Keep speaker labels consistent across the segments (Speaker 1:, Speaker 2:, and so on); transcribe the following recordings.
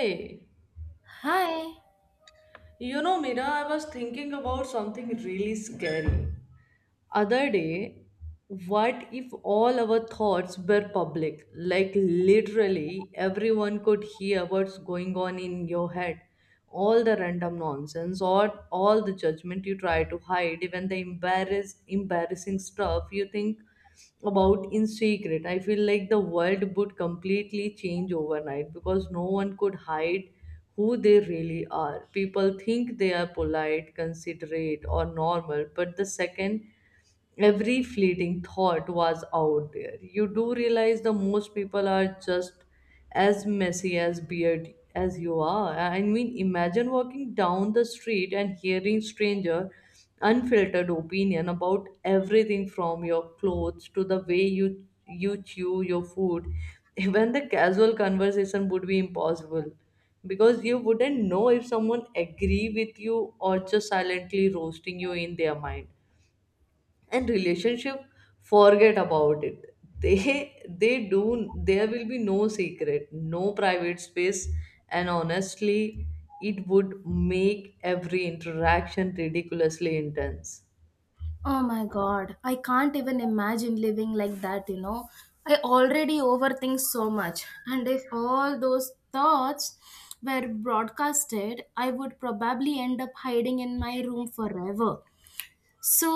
Speaker 1: Hey,
Speaker 2: Hi.
Speaker 1: you know, Mira, I was thinking about something really scary. Other day, what if all our thoughts were public? Like literally everyone could hear what's going on in your head. All the random nonsense or all the judgment you try to hide, even the embarrassing stuff you think about in secret. I feel like the world would completely change overnight because no one could hide who they really are. People think they are polite, considerate, or normal, but the second every fleeting thought was out there. You do realize the most people are just as messy as beard as you are. I mean, imagine walking down the street and hearing stranger unfiltered opinion about everything from your clothes to the way you chew your food. Even the casual conversation would be impossible because you wouldn't know if someone agree with you or just silently roasting you in their mind, and relationship, forget about it. they they do. There will be no secret, no private space. And honestly, it would make every interaction ridiculously intense.
Speaker 2: Oh my god. I can't even imagine living like that, you know. I already overthink so much. And if all those thoughts were broadcasted, I would probably end up hiding in my room forever. So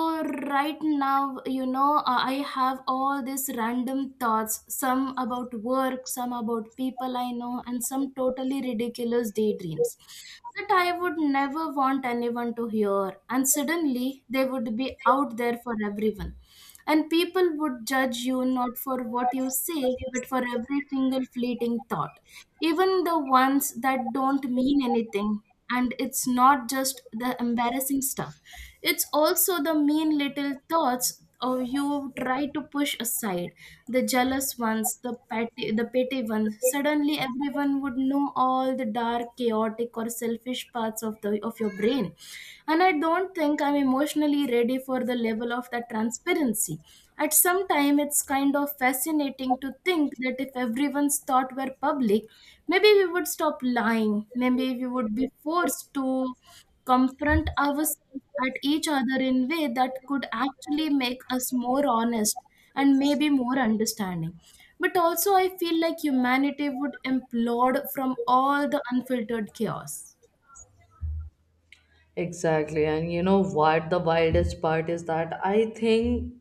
Speaker 2: right now, I have all these random thoughts, some about work, some about people I know, and some totally ridiculous daydreams that I would never want anyone to hear, and suddenly they would be out there for everyone, and people would judge you not for what you say, but for every single fleeting thought, even the ones that don't mean anything. And it's not just the embarrassing stuff, it's also the mean little thoughts or you try to push aside, the jealous ones, the petty ones. Suddenly everyone would know all the dark, chaotic, or selfish parts of the of your brain, and I don't think I'm emotionally ready for the level of that transparency. At some time, it's kind of fascinating to think that if everyone's thought were public, maybe we would stop lying. Maybe we would be forced to confront ourselves at each other in way that could actually make us more honest, and maybe more understanding. But also, I feel like humanity would implode from all the unfiltered chaos.
Speaker 1: Exactly. And you know what the wildest part is? that I think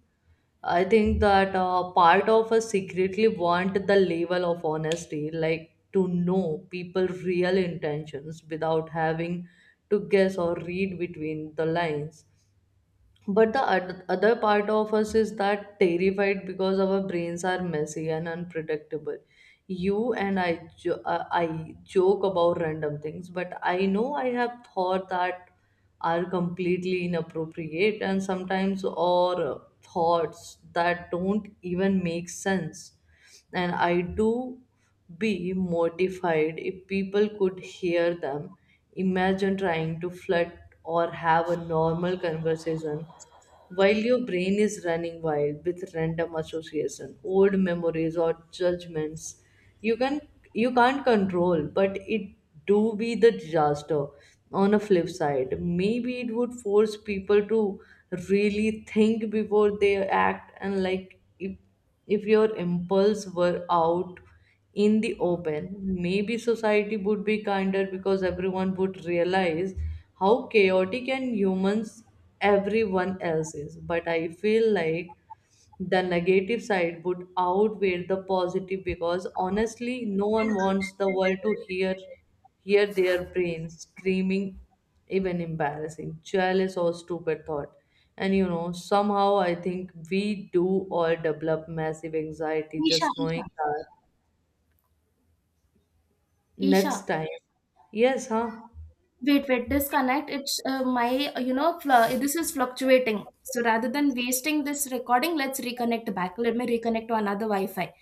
Speaker 1: I think that uh, part of us secretly want the level of honesty, like to know people' real intentions without having to guess or read between the lines, but the other part of us is that terrified because our brains are messy and unpredictable. You and I I joke about random things, but I know I have thought that are completely inappropriate and sometimes, or thoughts that don't even make sense, and I do be mortified if people could hear them. Imagine trying to flirt or have a normal conversation while your brain is running wild with random association, old memories or judgments, you can you can't control, but it do be the disaster. On a flip side, maybe it would force people to really think before they act, and like, if your impulse were out in the open, maybe society would be kinder because everyone would realize how chaotic and humans everyone else is. But I feel like the negative side would outweigh the positive because honestly no one wants the world to hear their brains screaming, even embarrassing, jealous or stupid thought. And you know, somehow I think we do all develop massive anxiety
Speaker 2: Isha,
Speaker 1: just knowing
Speaker 2: Isha,
Speaker 1: that. Next
Speaker 2: Isha.
Speaker 1: time. Yes, huh?
Speaker 2: Wait, wait, disconnect. It's my, this is fluctuating. So rather than wasting this recording, let's reconnect back. Let me reconnect to another Wi Fi.